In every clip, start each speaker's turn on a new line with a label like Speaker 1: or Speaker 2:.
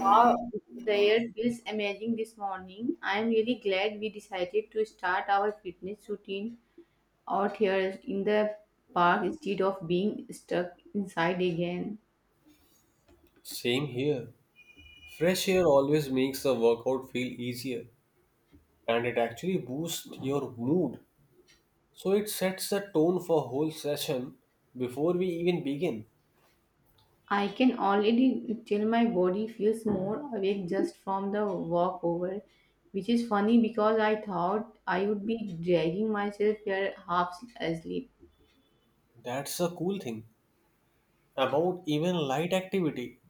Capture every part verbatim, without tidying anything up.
Speaker 1: Wow, the air feels amazing this morning. I am really glad we decided to start our fitness routine out here in the park instead of being stuck inside again.
Speaker 2: Same here. Fresh air always makes the workout feel easier and it actually boosts your mood. So it sets the tone for whole session before we even begin.
Speaker 1: I can already tell my body feels more awake just from the walk over, which is funny because I thought I would be dragging myself here half asleep.
Speaker 2: That's the cool thing about even light activity.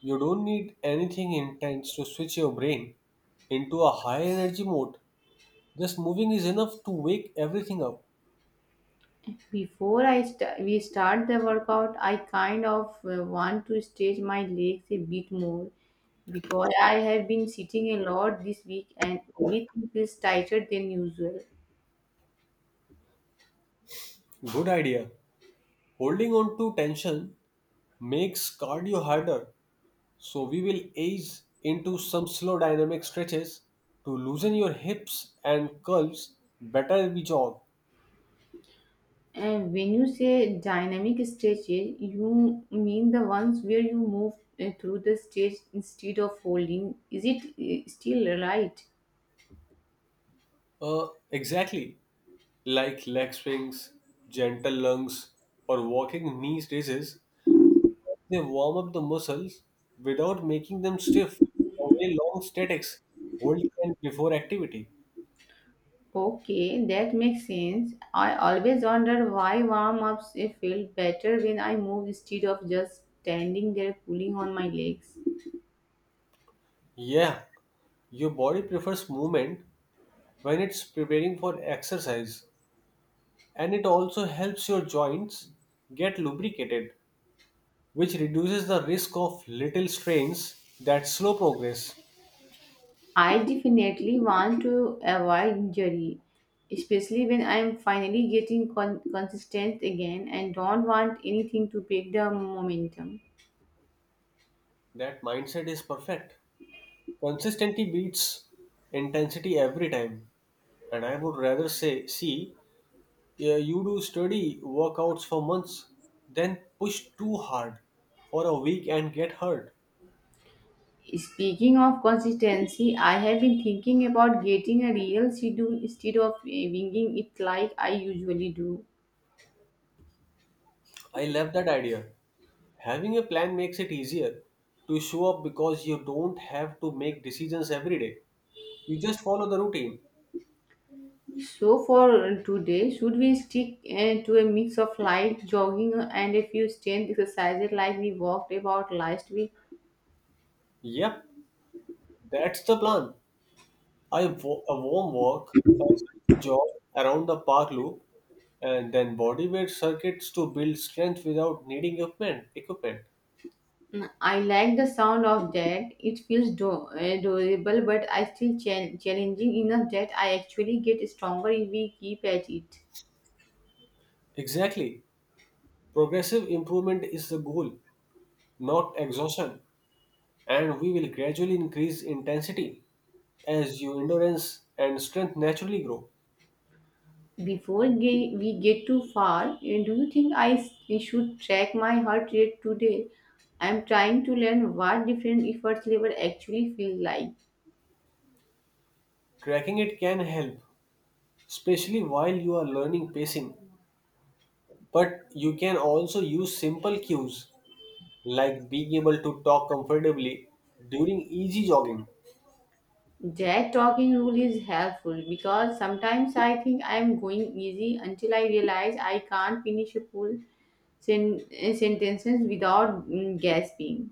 Speaker 2: You don't need anything intense to switch your brain into a high energy mode. Just moving is enough to wake everything up.
Speaker 1: Before I st- we start the workout, I kind of uh, want to stretch my legs a bit more because I have been sitting a lot this week and everything feels tighter than usual.
Speaker 2: Good idea. Holding on to tension makes cardio harder. So we will ease into some slow dynamic stretches to loosen your hips and curves better we jog.
Speaker 1: And when you say dynamic stretches, you mean the ones where you move uh, through the stage instead of holding. Is it uh, still right?
Speaker 2: Uh, exactly, like leg swings, gentle lunges, or walking knee raises, they warm up the muscles without making them stiff. The way long statics hold can before activity.
Speaker 1: Okay, that makes sense. I always wondered why warm ups felt better when I moved instead of just standing there pulling on my legs.
Speaker 2: Yeah, your body prefers movement when it's preparing for exercise, and it also helps your joints get lubricated which reduces the risk of little strains that slow progress.
Speaker 1: I definitely want to avoid injury, especially when I am finally getting con- consistent again and don't want anything to break the momentum.
Speaker 2: That mindset is perfect. Consistency beats intensity every time. And I would rather say, see, uh, you do study workouts for months, then push too hard for a week and get hurt.
Speaker 1: Speaking of consistency, I have been thinking about getting a real schedule instead of uh, winging it like I usually do.
Speaker 2: I love that idea. Having a plan makes it easier to show up because you don't have to make decisions every day. You just follow the routine.
Speaker 1: So for today, should we stick uh, to a mix of light jogging and a few strength exercises like we walked about last week?
Speaker 2: Yep, that's the plan. I wa- a warm walk, a jog around the park loop, and then body weight circuits to build strength without needing equipment. Equipment.
Speaker 1: Mm, I like the sound of that. It feels do- uh, doable, but I still chal- challenging enough that I actually get stronger if we keep at it.
Speaker 2: Exactly. Progressive improvement is the goal, not exhaustion, and we will gradually increase intensity as your endurance and strength naturally grow.
Speaker 1: Before ge- we get too far, uh, do you think I s- should track my heart rate today? I'm trying to learn what different effort level actually feel like.
Speaker 2: Tracking it can help, especially while you are learning pacing, but you can also use simple cues like being able to talk comfortably during easy jogging.
Speaker 1: That talking rule is helpful because sometimes I think I'm going easy until I realize I can't finish a full sen- uh, sentences without mm, gasping.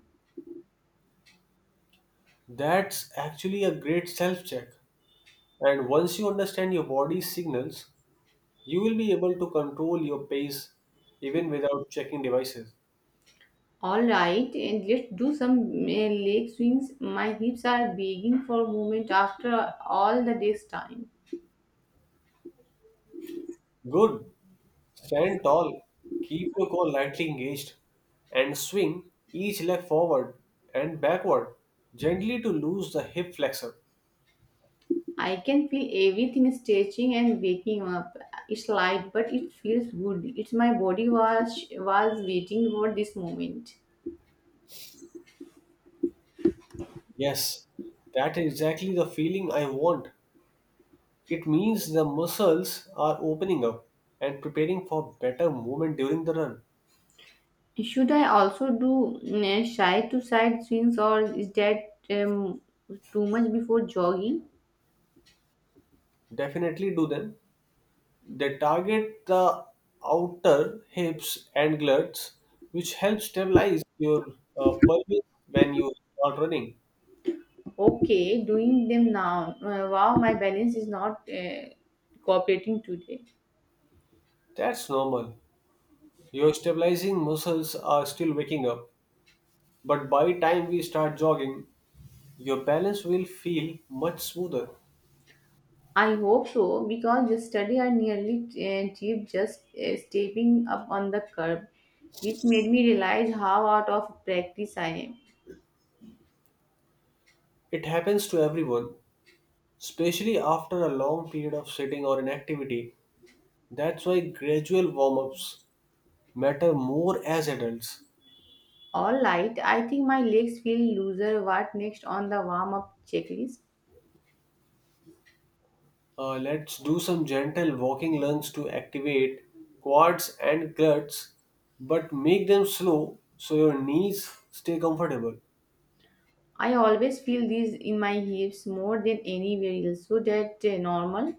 Speaker 2: That's actually a great self check. And once you understand your body's signals, you will be able to control your pace even without checking devices.
Speaker 1: All right, and let's do some uh, leg swings. My hips are begging for movement after all the day's time.
Speaker 2: Good. Stand tall. Keep your core lightly engaged and swing each leg forward and backward gently to lose the hip flexor.
Speaker 1: I can feel everything stretching and waking up. It's light, but it feels good. It's my body was was waiting for this moment.
Speaker 2: Yes, that is exactly the feeling I want. It means the muscles are opening up and preparing for better movement during the run.
Speaker 1: Should I also do mm, eh, side to side swings or is that um, too much before jogging?
Speaker 2: Definitely do them. They target the outer hips and glutes, which help stabilize your uh, pelvis when you start running.
Speaker 1: Okay, doing them now. Uh, wow, my balance is not uh, cooperating today.
Speaker 2: That's normal. Your stabilizing muscles are still waking up, but by time we start jogging, your balance will feel much smoother.
Speaker 1: I hope so because yesterday I nearly uh, tripped just uh, stepping up on the curb, which made me realize how out of practice I am.
Speaker 2: It happens to everyone, especially after a long period of sitting or inactivity. That's why gradual warm ups matter more as adults.
Speaker 1: All right, I think my legs feel looser. What next on the warm up checklist?
Speaker 2: Uh, let's do some gentle walking lunges to activate quads and glutes, but make them slow so your knees stay comfortable.
Speaker 1: I always feel these in my hips more than anywhere else. So that uh, normal.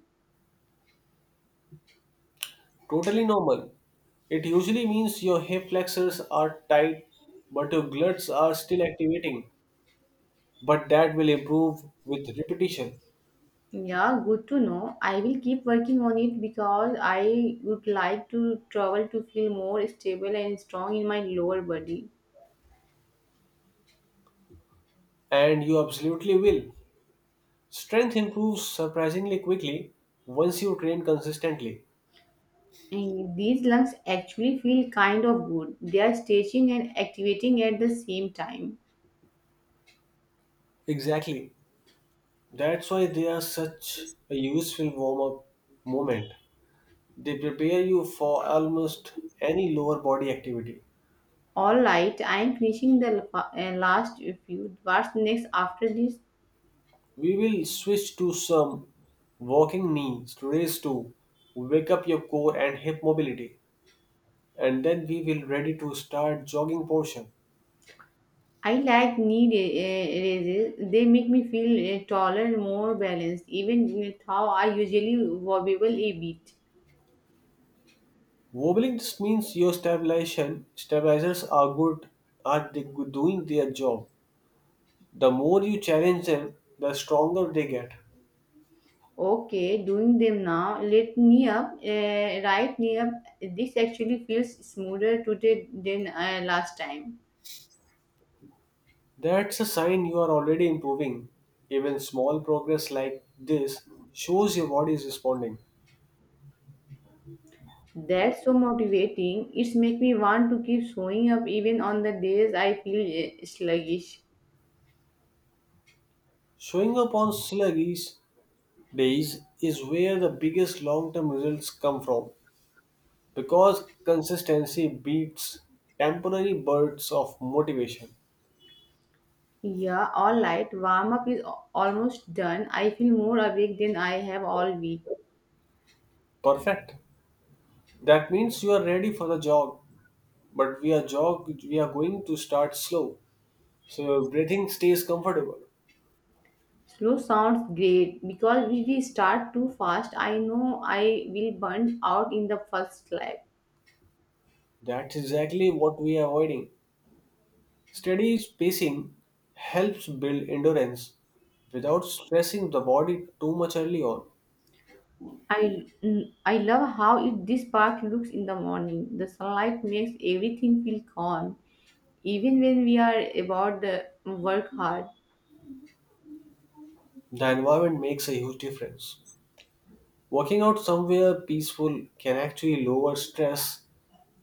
Speaker 2: Totally normal. It usually means your hip flexors are tight, but your glutes are still activating. But that will improve with repetition,
Speaker 1: Yeah, good to know. I will keep working on it because I would like to travel to feel more stable and strong in my lower body.
Speaker 2: and you absolutely will. Strength improves surprisingly quickly once you train consistently.
Speaker 1: And these lungs actually feel kind of good. They are stretching and activating at the same time.
Speaker 2: Exactly. That's why they are such a useful warm up moment. They prepare you for almost any lower body activity.
Speaker 1: All right, I am finishing the la- uh, last few. What's next after this?
Speaker 2: We will switch to some walking knees raise to wake up your core and hip mobility and then we will ready to start jogging portion.
Speaker 1: I like knee ra- raises. They make me feel uh, taller, more balanced, even with how I usually wobble a bit.
Speaker 2: Wobbling just means your stabilization stabilizers are good are they good doing their job. The more you challenge them, the stronger they get.
Speaker 1: Okay, doing them now. Let knee up, uh, right knee up. This actually feels smoother today than uh, last time.
Speaker 2: That's a sign you are already improving. Even small progress like this shows your body is responding.
Speaker 1: That's so motivating. It's make me want to keep showing up even on the days I feel uh, sluggish.
Speaker 2: Showing up on sluggish days is where the biggest long term results come from because consistency beats temporary bursts of motivation.
Speaker 1: Yeah, all right. Warm up is al- almost done. I feel more awake than I have all week.
Speaker 2: Perfect. That means you are ready for the jog, but we are jog we are going to start slow. So your breathing stays comfortable.
Speaker 1: Slow sounds great because if we start too fast, I know I will burn out in the first lap.
Speaker 2: That's exactly what we are avoiding. Steady pacing helps build endurance without stressing the body too much early on.
Speaker 1: I mm, I love how it, this park looks in the morning. The sunlight makes everything feel calm, even when we are about the work hard.
Speaker 2: The environment makes a huge difference. Working out somewhere peaceful can actually lower stress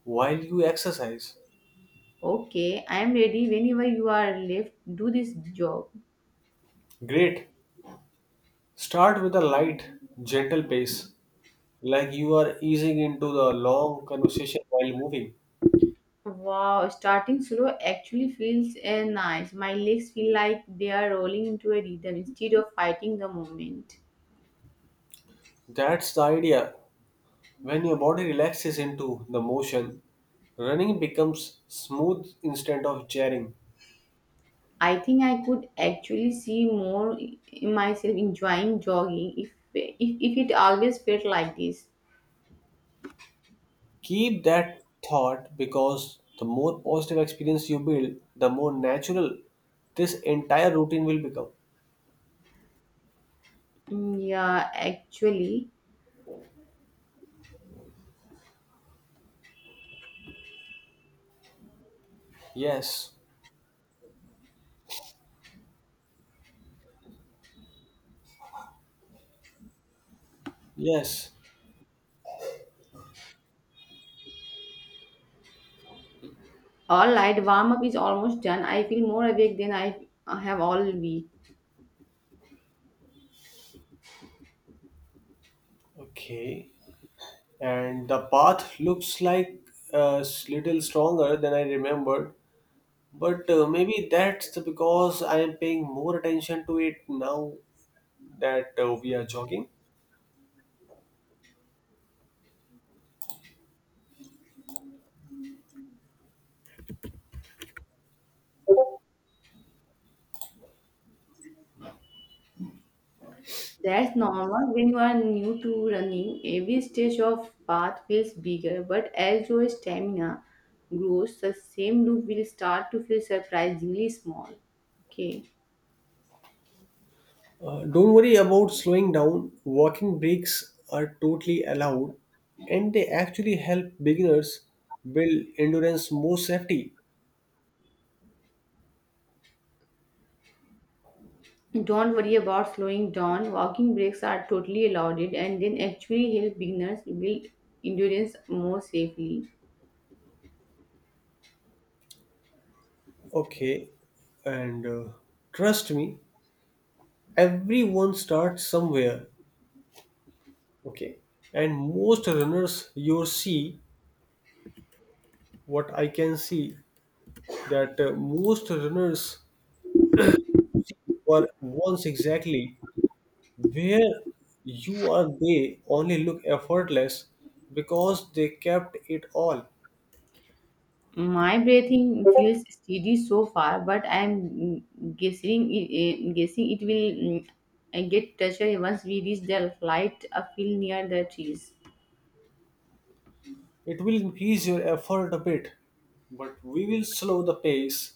Speaker 2: while you exercise.
Speaker 1: Okay, I am ready. Whenever you are left, do this job.
Speaker 2: Great. Start with a light, gentle pace, like you are easing into the long conversation while moving.
Speaker 1: Wow, starting slow actually feels uh, nice. My legs feel like they are rolling into a rhythm instead of fighting the moment.
Speaker 2: That's the idea. When your body relaxes into the motion, running becomes smooth instead of jarring.
Speaker 1: I think I could actually see more in myself enjoying jogging if if, if it always felt like this.
Speaker 2: Keep that thought because the more positive experience you build, the more natural this entire routine will become.
Speaker 1: Mm, Yeah, actually,
Speaker 2: Yes, yes.
Speaker 1: all right, warm up is almost done. I feel more awake than I have all week.
Speaker 2: Okay. And the path looks like a little stronger than I remembered, but uh, maybe that's because I am paying more attention to it now that uh, we are jogging.
Speaker 1: That's normal when you are new to running. Every stage of path feels bigger, but as your stamina grows, the same loop will start to feel surprisingly small. Okay.
Speaker 2: Uh, don't worry about slowing down. Walking breaks are totally allowed and they actually help beginners build endurance more safety.
Speaker 1: Don't worry about slowing down. Walking breaks are totally allowed and then actually help beginners build endurance more safely.
Speaker 2: Okay, and uh, trust me, everyone starts somewhere. Okay, and most runners you see, what I can see, that uh, most runners were once exactly where you are, they only look effortless because they kept it all.
Speaker 1: My breathing feels steady so far, but I am mm, guessing it, eh, guessing it will mm, eh, get touchy once we reach the light a field near the trees.
Speaker 2: It will increase your effort a bit, but we will slow the pace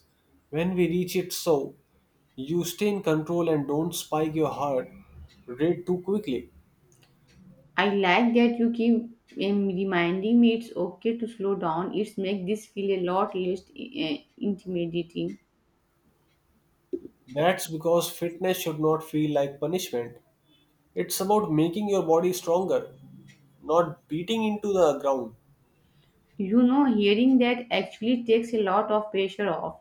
Speaker 2: when we reach it so you stay in control and don't spike your heart rate too quickly.
Speaker 1: I like that you keep um, reminding me it's okay to slow down. It's make this feel a lot less eh, intimidating.
Speaker 2: That's because fitness should not feel like punishment. It's about making your body stronger, not beating into the ground.
Speaker 1: You know, hearing that actually takes a lot of pressure off.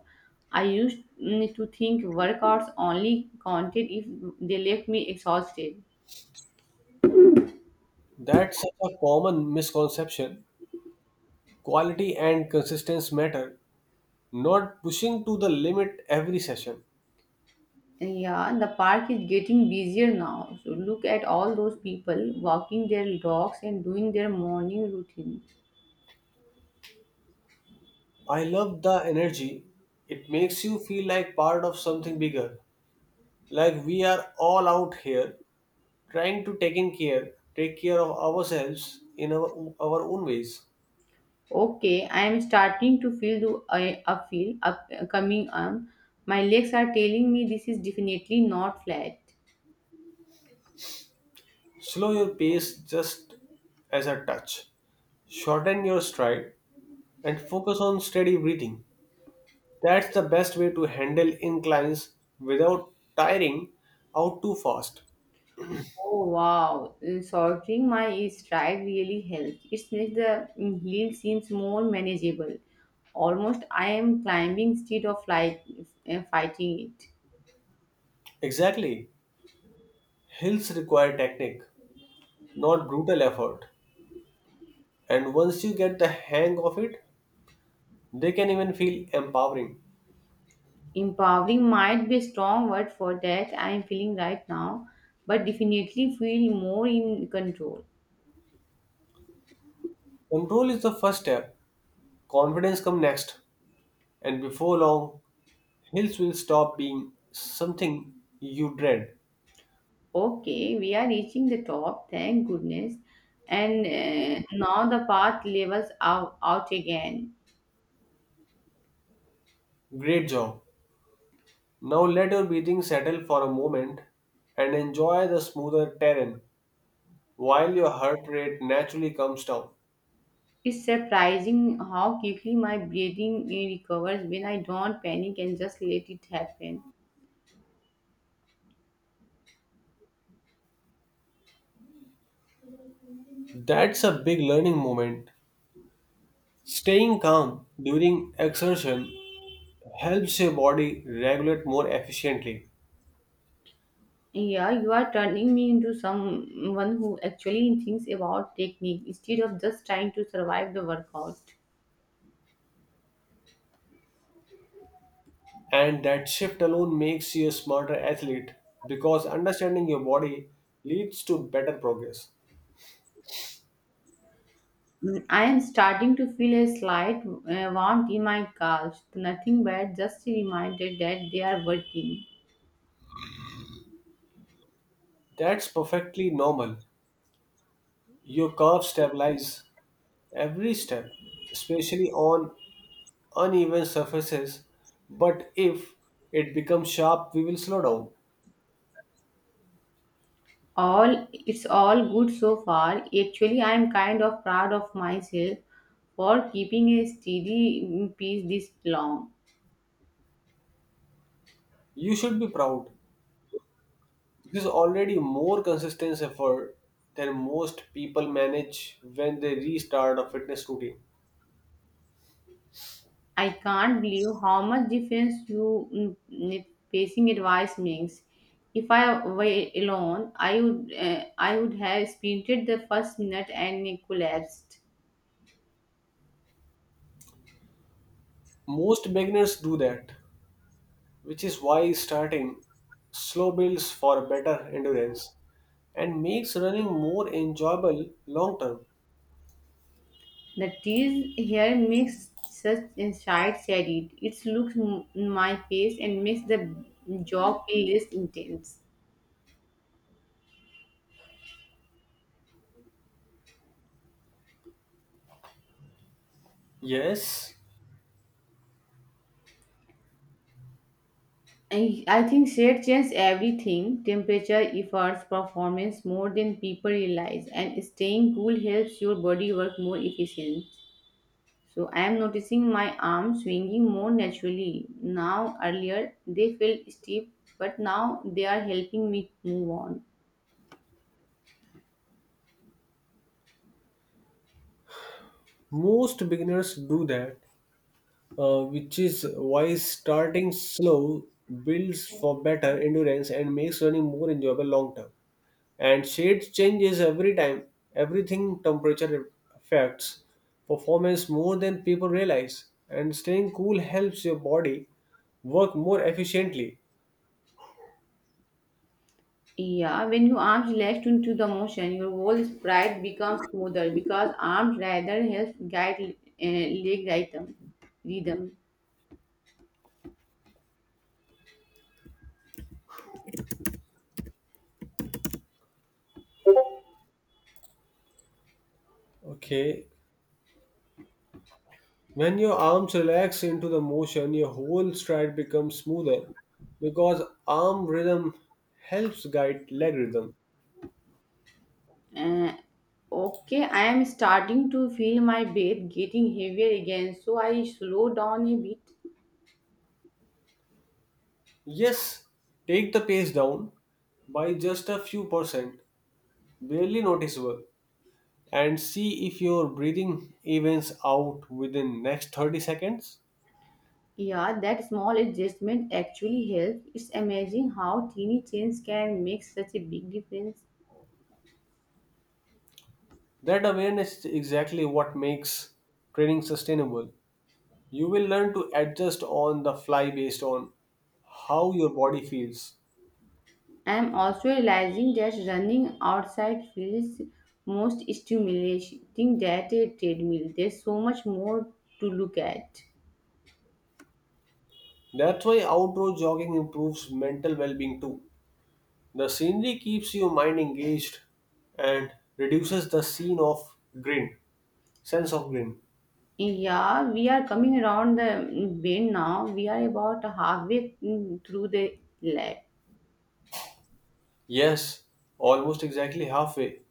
Speaker 1: I used mm, to think workouts only counted if they left me exhausted.
Speaker 2: That's such a common misconception. Quality and consistency matter, not pushing to the limit every session.
Speaker 1: Yeah, the park is getting busier now. So look at all those people walking their dogs and doing their morning routine.
Speaker 2: I love the energy. It makes you feel like part of something bigger. Like we are all out here trying to take in care, take care of ourselves in our, our own ways.
Speaker 1: Okay, I am starting to feel the I a feel up coming on. My legs are telling me this is definitely not flat.
Speaker 2: Slow your pace just as a touch. Shorten your stride and focus on steady breathing. That's the best way to handle inclines without tiring out too fast.
Speaker 1: Oh wow, Uh, sorting my stride really helps. It makes the hill seems more manageable. Almost I am climbing instead of like uh, fighting it.
Speaker 2: Exactly. Hills require technique, not brutal effort. And once you get the hang of it, they can even feel empowering.
Speaker 1: Empowering might be a strong word for that I am feeling right now, but definitely feel more in control.
Speaker 2: Control is the first step, confidence comes next, and before long, hills will stop being something you dread.
Speaker 1: Okay, we are reaching the top, thank goodness. And uh, now the path levels out, out again.
Speaker 2: Great job. Now let your breathing settle for a moment and enjoy the smoother terrain while your heart rate naturally comes down.
Speaker 1: It's surprising how quickly my breathing eh, recovers when I don't panic and just let it happen.
Speaker 2: That's a big learning moment. Staying calm during exertion helps your body regulate more efficiently.
Speaker 1: Yeah, you are turning me into someone who actually thinks about technique instead of just trying to survive the workout.
Speaker 2: And that shift alone makes you a smarter athlete because understanding your body leads to better progress.
Speaker 1: Mm, I am starting to feel a slight uh, warmth in my calves. Nothing bad, just a reminder that they are working.
Speaker 2: That's perfectly normal. Your curves stabilize every step, especially on uneven surfaces, but if it becomes sharp, we will slow down.
Speaker 1: All it's all good so far. Actually, I am kind of proud of myself for keeping a steady mm, pace this long.
Speaker 2: You should be proud. This is already more consistent effort than most people manage when they restart a fitness routine.
Speaker 1: I can't believe how much difference you mm, mm, pacing advice makes. If I were alone, I would uh, I would have sprinted the first minute and collapsed.
Speaker 2: Most beginners do that, which is why starting slow builds for better endurance and makes running more enjoyable long term.
Speaker 1: The tease here makes such inside shaded it looks m- in my face and makes the job feel less intense.
Speaker 2: Yes,
Speaker 1: I, I think shade changes everything temperature, efforts, performance more than people realize, and staying cool helps your body work more efficient. So, I am noticing my arms swinging more naturally now. Earlier, they felt stiff, but now they are helping me move on.
Speaker 2: most beginners do that, uh, which is why starting slow builds for better endurance and makes running more enjoyable long term. And shades changes every time, everything temperature affects performance more than people realize. And staying cool helps your body work more efficiently.
Speaker 1: Yeah, when your arms relax into the motion, your whole sprite becomes smoother because arms rather helps guide uh, leg rhythm. rhythm.
Speaker 2: Okay. When your arms relax into the motion, your whole stride becomes smoother because arm rhythm helps guide leg rhythm.
Speaker 1: Okay, I am starting to feel my breath getting heavier again, so I slow down a bit.
Speaker 2: Yes, take the pace down by just a few percent, barely noticeable, and see if your breathing evens out within next thirty seconds.
Speaker 1: Yeah, that small adjustment actually helps. It's amazing how teeny changes can make such a big difference.
Speaker 2: That awareness is exactly what makes training sustainable. You will learn to adjust on the fly based on how your body feels.
Speaker 1: I am also realizing that running outside feels most stimulating than a treadmill. There's so much more to look at.
Speaker 2: That's why outdoor jogging improves mental well being too. The scenery keeps your mind engaged and reduces the scene of grin, sense of grin.
Speaker 1: Yeah, we are coming around the bend now. We are about halfway mm, through the lab.
Speaker 2: Yes, almost exactly halfway,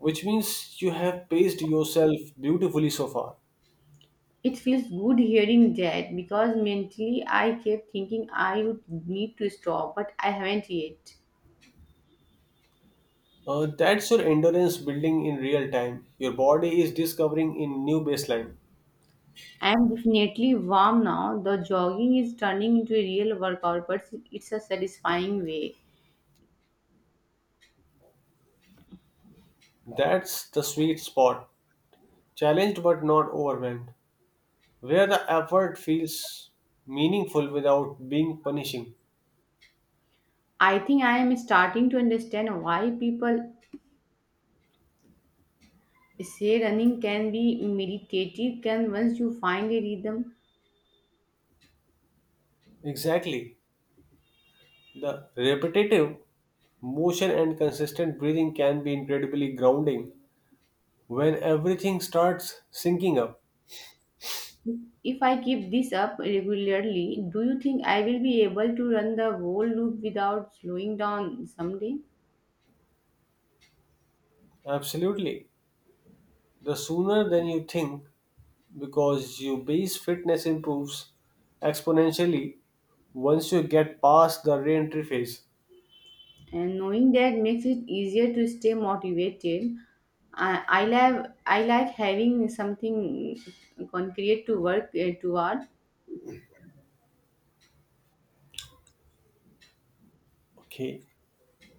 Speaker 2: which means you have paced yourself beautifully so far.
Speaker 1: It feels good hearing that because mentally I kept thinking I would need to stop, but I haven't yet.
Speaker 2: Uh, that's your endurance building in real time. Your body is discovering a new baseline.
Speaker 1: I am definitely warm now. The jogging is turning into a real workout, but it's a satisfying way.
Speaker 2: That's the sweet spot. Challenged but not overwhelmed, where the effort feels meaningful without being punishing.
Speaker 1: I think I am starting to understand why people say running can be meditative, can once you find a rhythm.
Speaker 2: Exactly. The repetitive motion and consistent breathing can be incredibly grounding when everything starts syncing up.
Speaker 1: If I keep this up regularly, do you think I will be able to run the whole loop without slowing down someday?
Speaker 2: Absolutely. The sooner than you think, because your base fitness improves exponentially once you get past the re entry phase.
Speaker 1: And knowing that makes it easier to stay motivated. I, I like i like having something concrete to work uh, toward.
Speaker 2: Okay.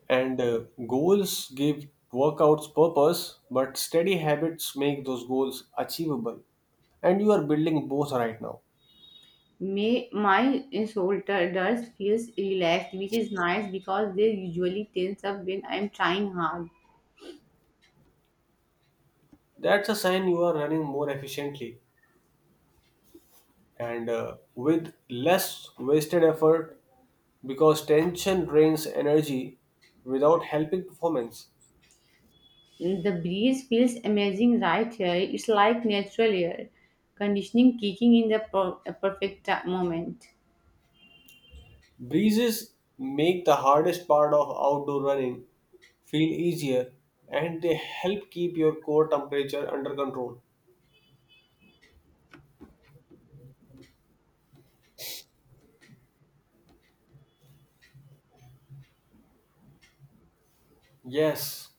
Speaker 2: And uh, goals give workouts purpose, but steady habits make those goals achievable. And you are building both right now.
Speaker 1: May, my shoulders feels relaxed, which is nice because they usually tense up when I'm trying hard.
Speaker 2: That's a sign you are running more efficiently and uh, with less wasted effort because tension drains energy without helping performance.
Speaker 1: The breeze feels amazing right here. It's like natural air conditioning kicking in the per- perfect ti- moment.
Speaker 2: Breezes make the hardest part of outdoor running feel easier and they help keep your core temperature under control. Yes,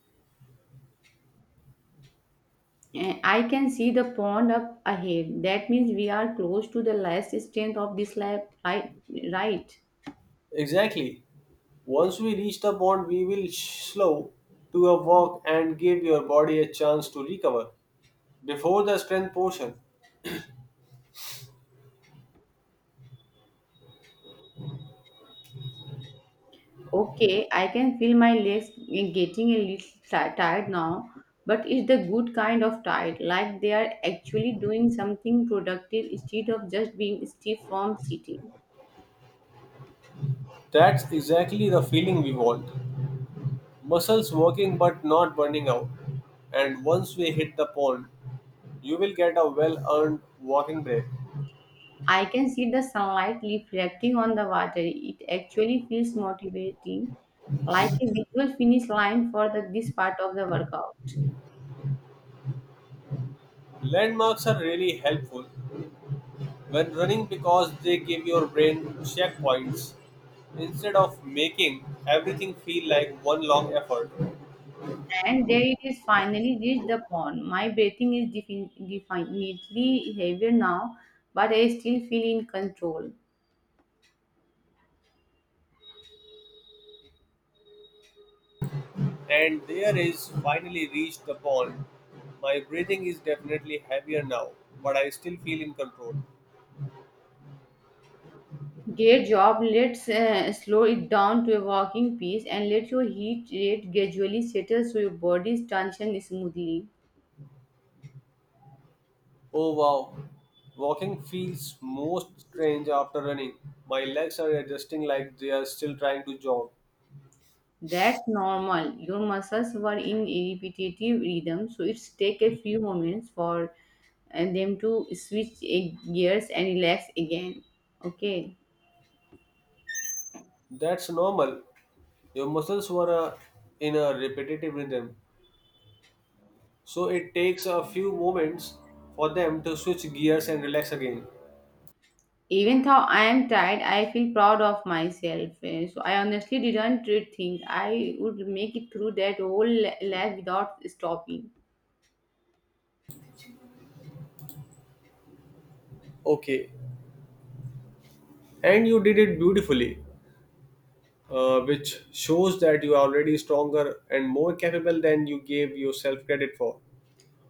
Speaker 1: Eh, I can see the pond up ahead. That means we are close to the last strength of this lap, right? Right.
Speaker 2: exactly. Once we reach the pond, we will sh- slow to a walk and give your body a chance to recover before the strength portion.
Speaker 1: Okay, I can feel my legs getting a little ti- tired now, but it's the good kind of tired, like they are actually doing something productive instead of just being stiff from sitting.
Speaker 2: That's exactly the feeling we want. Muscles working but not burning out. And once we hit the pond, you will get a well earned walking break.
Speaker 1: I can see the sunlight reflecting on the water. It actually feels motivating, like a visual finish line for the, this part of the workout.
Speaker 2: Landmarks are really helpful when running because they give your brain checkpoints instead of making everything feel like one long effort.
Speaker 1: And there it is, finally reached the pond. My breathing is defin- definitely heavier now, but I still feel in control.
Speaker 2: And there is finally reached the pond. My breathing is definitely heavier now, but I still feel in control.
Speaker 1: Great job. Let's uh, slow it down to a walking pace and let your heat rate gradually settle so your body's tension smoothly.
Speaker 2: Oh wow, walking feels most strange after running. My legs are adjusting like they are still trying to jog.
Speaker 1: That's normal. Your muscles were in a repetitive rhythm, so it's take a few moments for uh, them to switch uh, gears and relax again. Okay.
Speaker 2: That's normal. Your muscles were uh, in a repetitive rhythm, so it takes a few moments for them to switch gears and relax again.
Speaker 1: Even though I am tired, I feel proud of myself. Eh, So I honestly didn't really think I would make it through that whole la- lab without stopping.
Speaker 2: Okay, and you did it beautifully, uh, which shows that you are already stronger and more capable than you gave yourself credit for.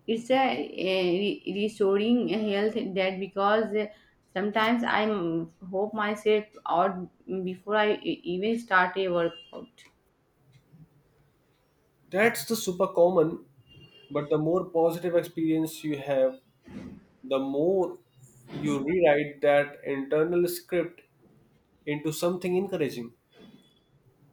Speaker 1: It's a, eh, re- restoring health that because eh, sometimes I mm, hope myself out before I e- even start a workout.
Speaker 2: That's the super common but the more positive experience you have, the more you rewrite that internal script into something encouraging.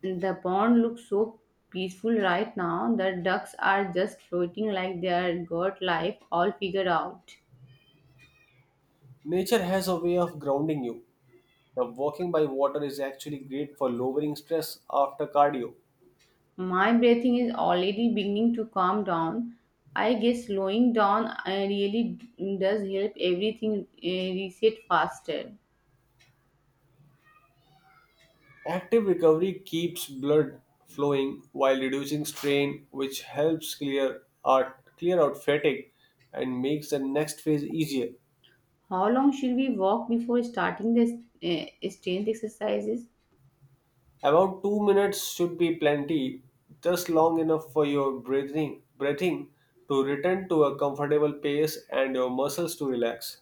Speaker 1: The pond looks so peaceful right now. The ducks are just floating like they are got life all figured out.
Speaker 2: Nature has a way of grounding you. The walking by water is actually great for lowering stress after cardio.
Speaker 1: My breathing is already beginning to calm down. I guess slowing down uh, really d- does help everything uh, reset faster.
Speaker 2: Active recovery keeps blood flowing while reducing strain, which helps clear out, clear out fatigue and makes the next phase easier.
Speaker 1: How long should we walk before starting the uh, strength exercises?
Speaker 2: About two minutes should be plenty, just long enough for your breathing, breathing to return to a comfortable pace and your muscles to relax.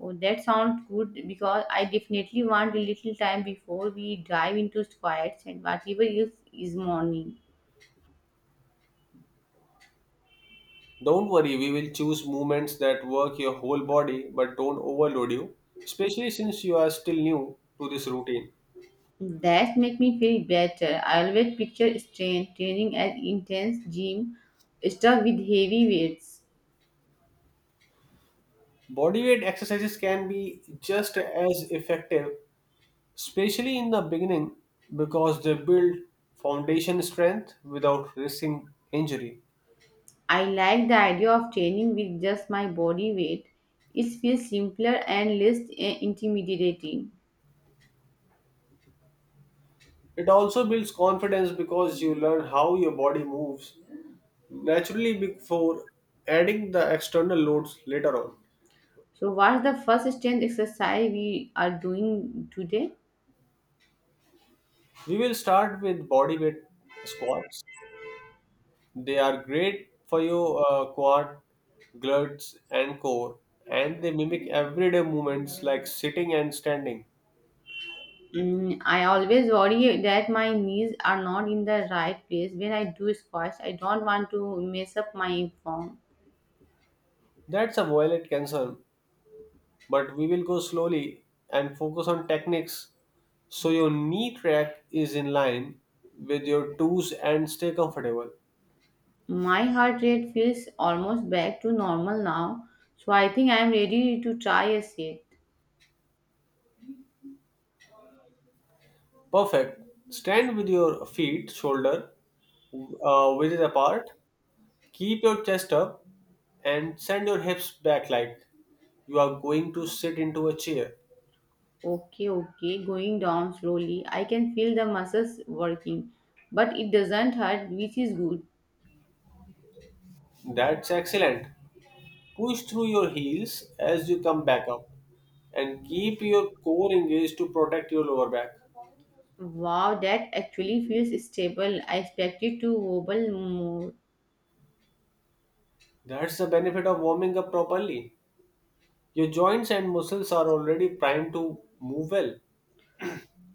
Speaker 1: Oh, that sounds good because I definitely want a little time before we dive into squats and whatever else is morning.
Speaker 2: Don't worry, we will choose movements that work your whole body but don't overload you, especially since you are still new to this routine.
Speaker 1: That make me feel better. I always picture strength training as intense gym stuff with heavy weights.
Speaker 2: Bodyweight exercises can be just as effective, especially in the beginning, because they build foundation strength without risking injury.
Speaker 1: I like the idea of training with just my body weight. It feels simpler and less eh, intimidating.
Speaker 2: It also builds confidence because you learn how your body moves naturally before adding the external loads later on.
Speaker 1: So, what's the first strength exercise we are doing today?
Speaker 2: We will start with body weight squats. They are great for your uh, quad, glutes, and core, and they mimic everyday movements like sitting and standing.
Speaker 1: Mm, I always worry that my knees are not in the right place when I do squats. I don't want to mess up my form.
Speaker 2: That's a valid concern, but we will go slowly and focus on techniques so your knee track is in line with your toes and stay comfortable.
Speaker 1: My heart rate feels almost back to normal now, so I think I am ready to try a set.
Speaker 2: Perfect. Stand with your feet, shoulder uh, width apart. Keep your chest up and send your hips back like you are going to sit into a chair.
Speaker 1: Okay, okay, going down slowly. I can feel the muscles working, but it doesn't hurt, which is good.
Speaker 2: That's excellent. Push through your heels as you come back up and keep your core engaged to protect your lower back.
Speaker 1: Wow, that actually feels stable. I expected to wobble more.
Speaker 2: That's the benefit of warming up properly. Your joints and muscles are already primed to move well.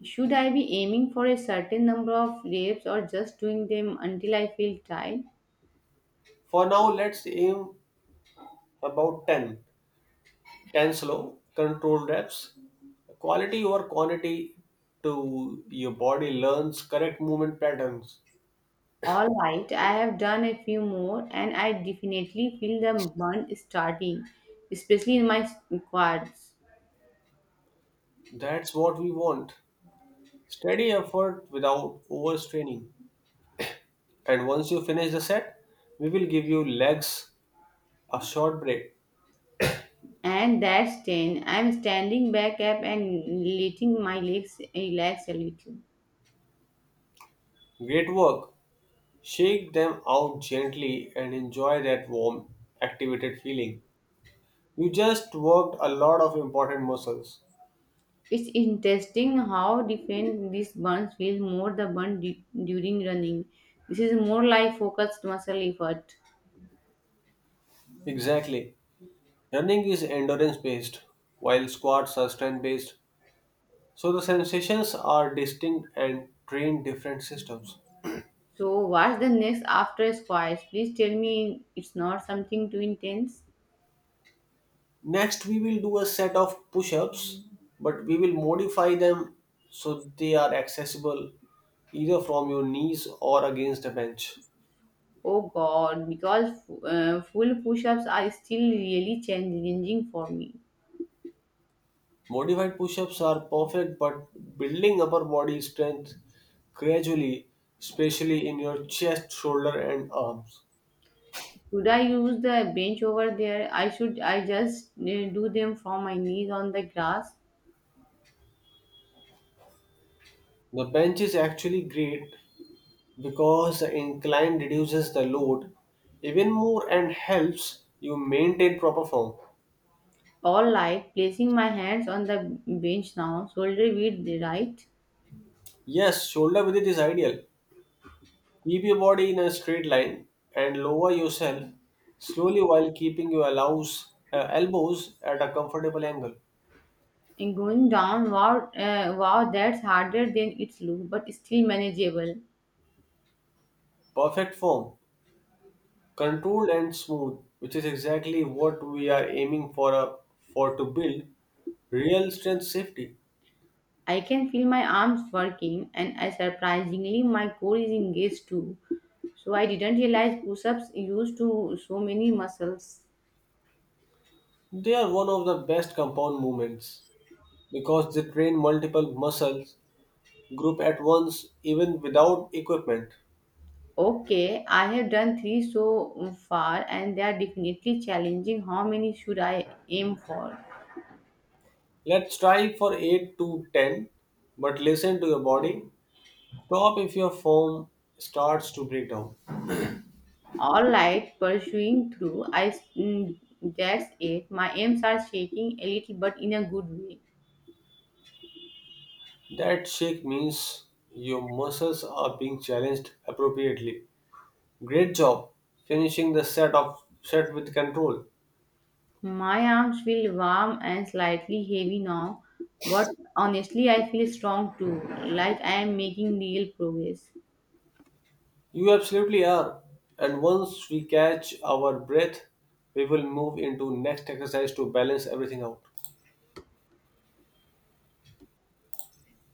Speaker 1: Should I be aiming for a certain number of reps or just doing them until I feel tired?
Speaker 2: For now, let's aim about ten. ten slow, controlled reps. Quality over quantity to your body learns correct movement patterns.
Speaker 1: All right, I have done a few more and I definitely feel the burn starting, especially in my squats.
Speaker 2: That's what we want. Steady effort without overstraining. And once you finish the set, we will give you legs a short break.
Speaker 1: And that's ten. I'm standing back up and letting my legs relax a little.
Speaker 2: Great work. Shake them out gently and enjoy that warm, activated feeling. You just worked a lot of important muscles.
Speaker 1: It's interesting how different these burns feel more the burn du- during running. This is more like focused muscle effort.
Speaker 2: Exactly. Running is endurance based, while squats are strength based. So the sensations are distinct and train different systems.
Speaker 1: So, what's the next after squats? Please tell me it's not something too intense.
Speaker 2: Next, we will do a set of push ups, but we will modify them so they are accessible either from your knees or against the bench.
Speaker 1: Oh god, because uh, full push ups are still really challenging for me.
Speaker 2: Modified push ups are perfect, but building upper body strength gradually, especially in your chest, shoulder, and arms.
Speaker 1: Should I use the bench over there? I should I just eh, do them from my knees on the grass.
Speaker 2: The bench is actually great because the incline reduces the load even more and helps you maintain proper form.
Speaker 1: All right, placing my hands on the bench now, shoulder width right,
Speaker 2: Yes, shoulder width is ideal. Keep your body in a straight line and lower yourself slowly while keeping your allows, uh, elbows at a comfortable angle.
Speaker 1: and going down. Wow, uh, wow, that's harder than it looks, but still manageable.
Speaker 2: Perfect form. Controlled and smooth, which is exactly what we are aiming for a, for to build real strength safety.
Speaker 1: I can feel my arms working, and I surprisingly my core is engaged too. So I didn't realize push-ups used to so many muscles.
Speaker 2: They are one of the best compound movements because they train multiple muscles group at once even without equipment.
Speaker 1: Okay, I have done three so far, and they are definitely challenging. How many should I aim for?
Speaker 2: Let's try for eight to ten, but listen to your body. Stop if your form starts to break down.
Speaker 1: All right, pursuing through. I, mm, that's it. My arms are shaking a little, but in a good way.
Speaker 2: That shake means your muscles are being challenged appropriately. Great job finishing the set of set with control.
Speaker 1: My arms feel warm and slightly heavy now, but honestly, I feel strong too, like I am making real progress.
Speaker 2: You absolutely are. And once we catch our breath, we will move into next exercise to balance everything out.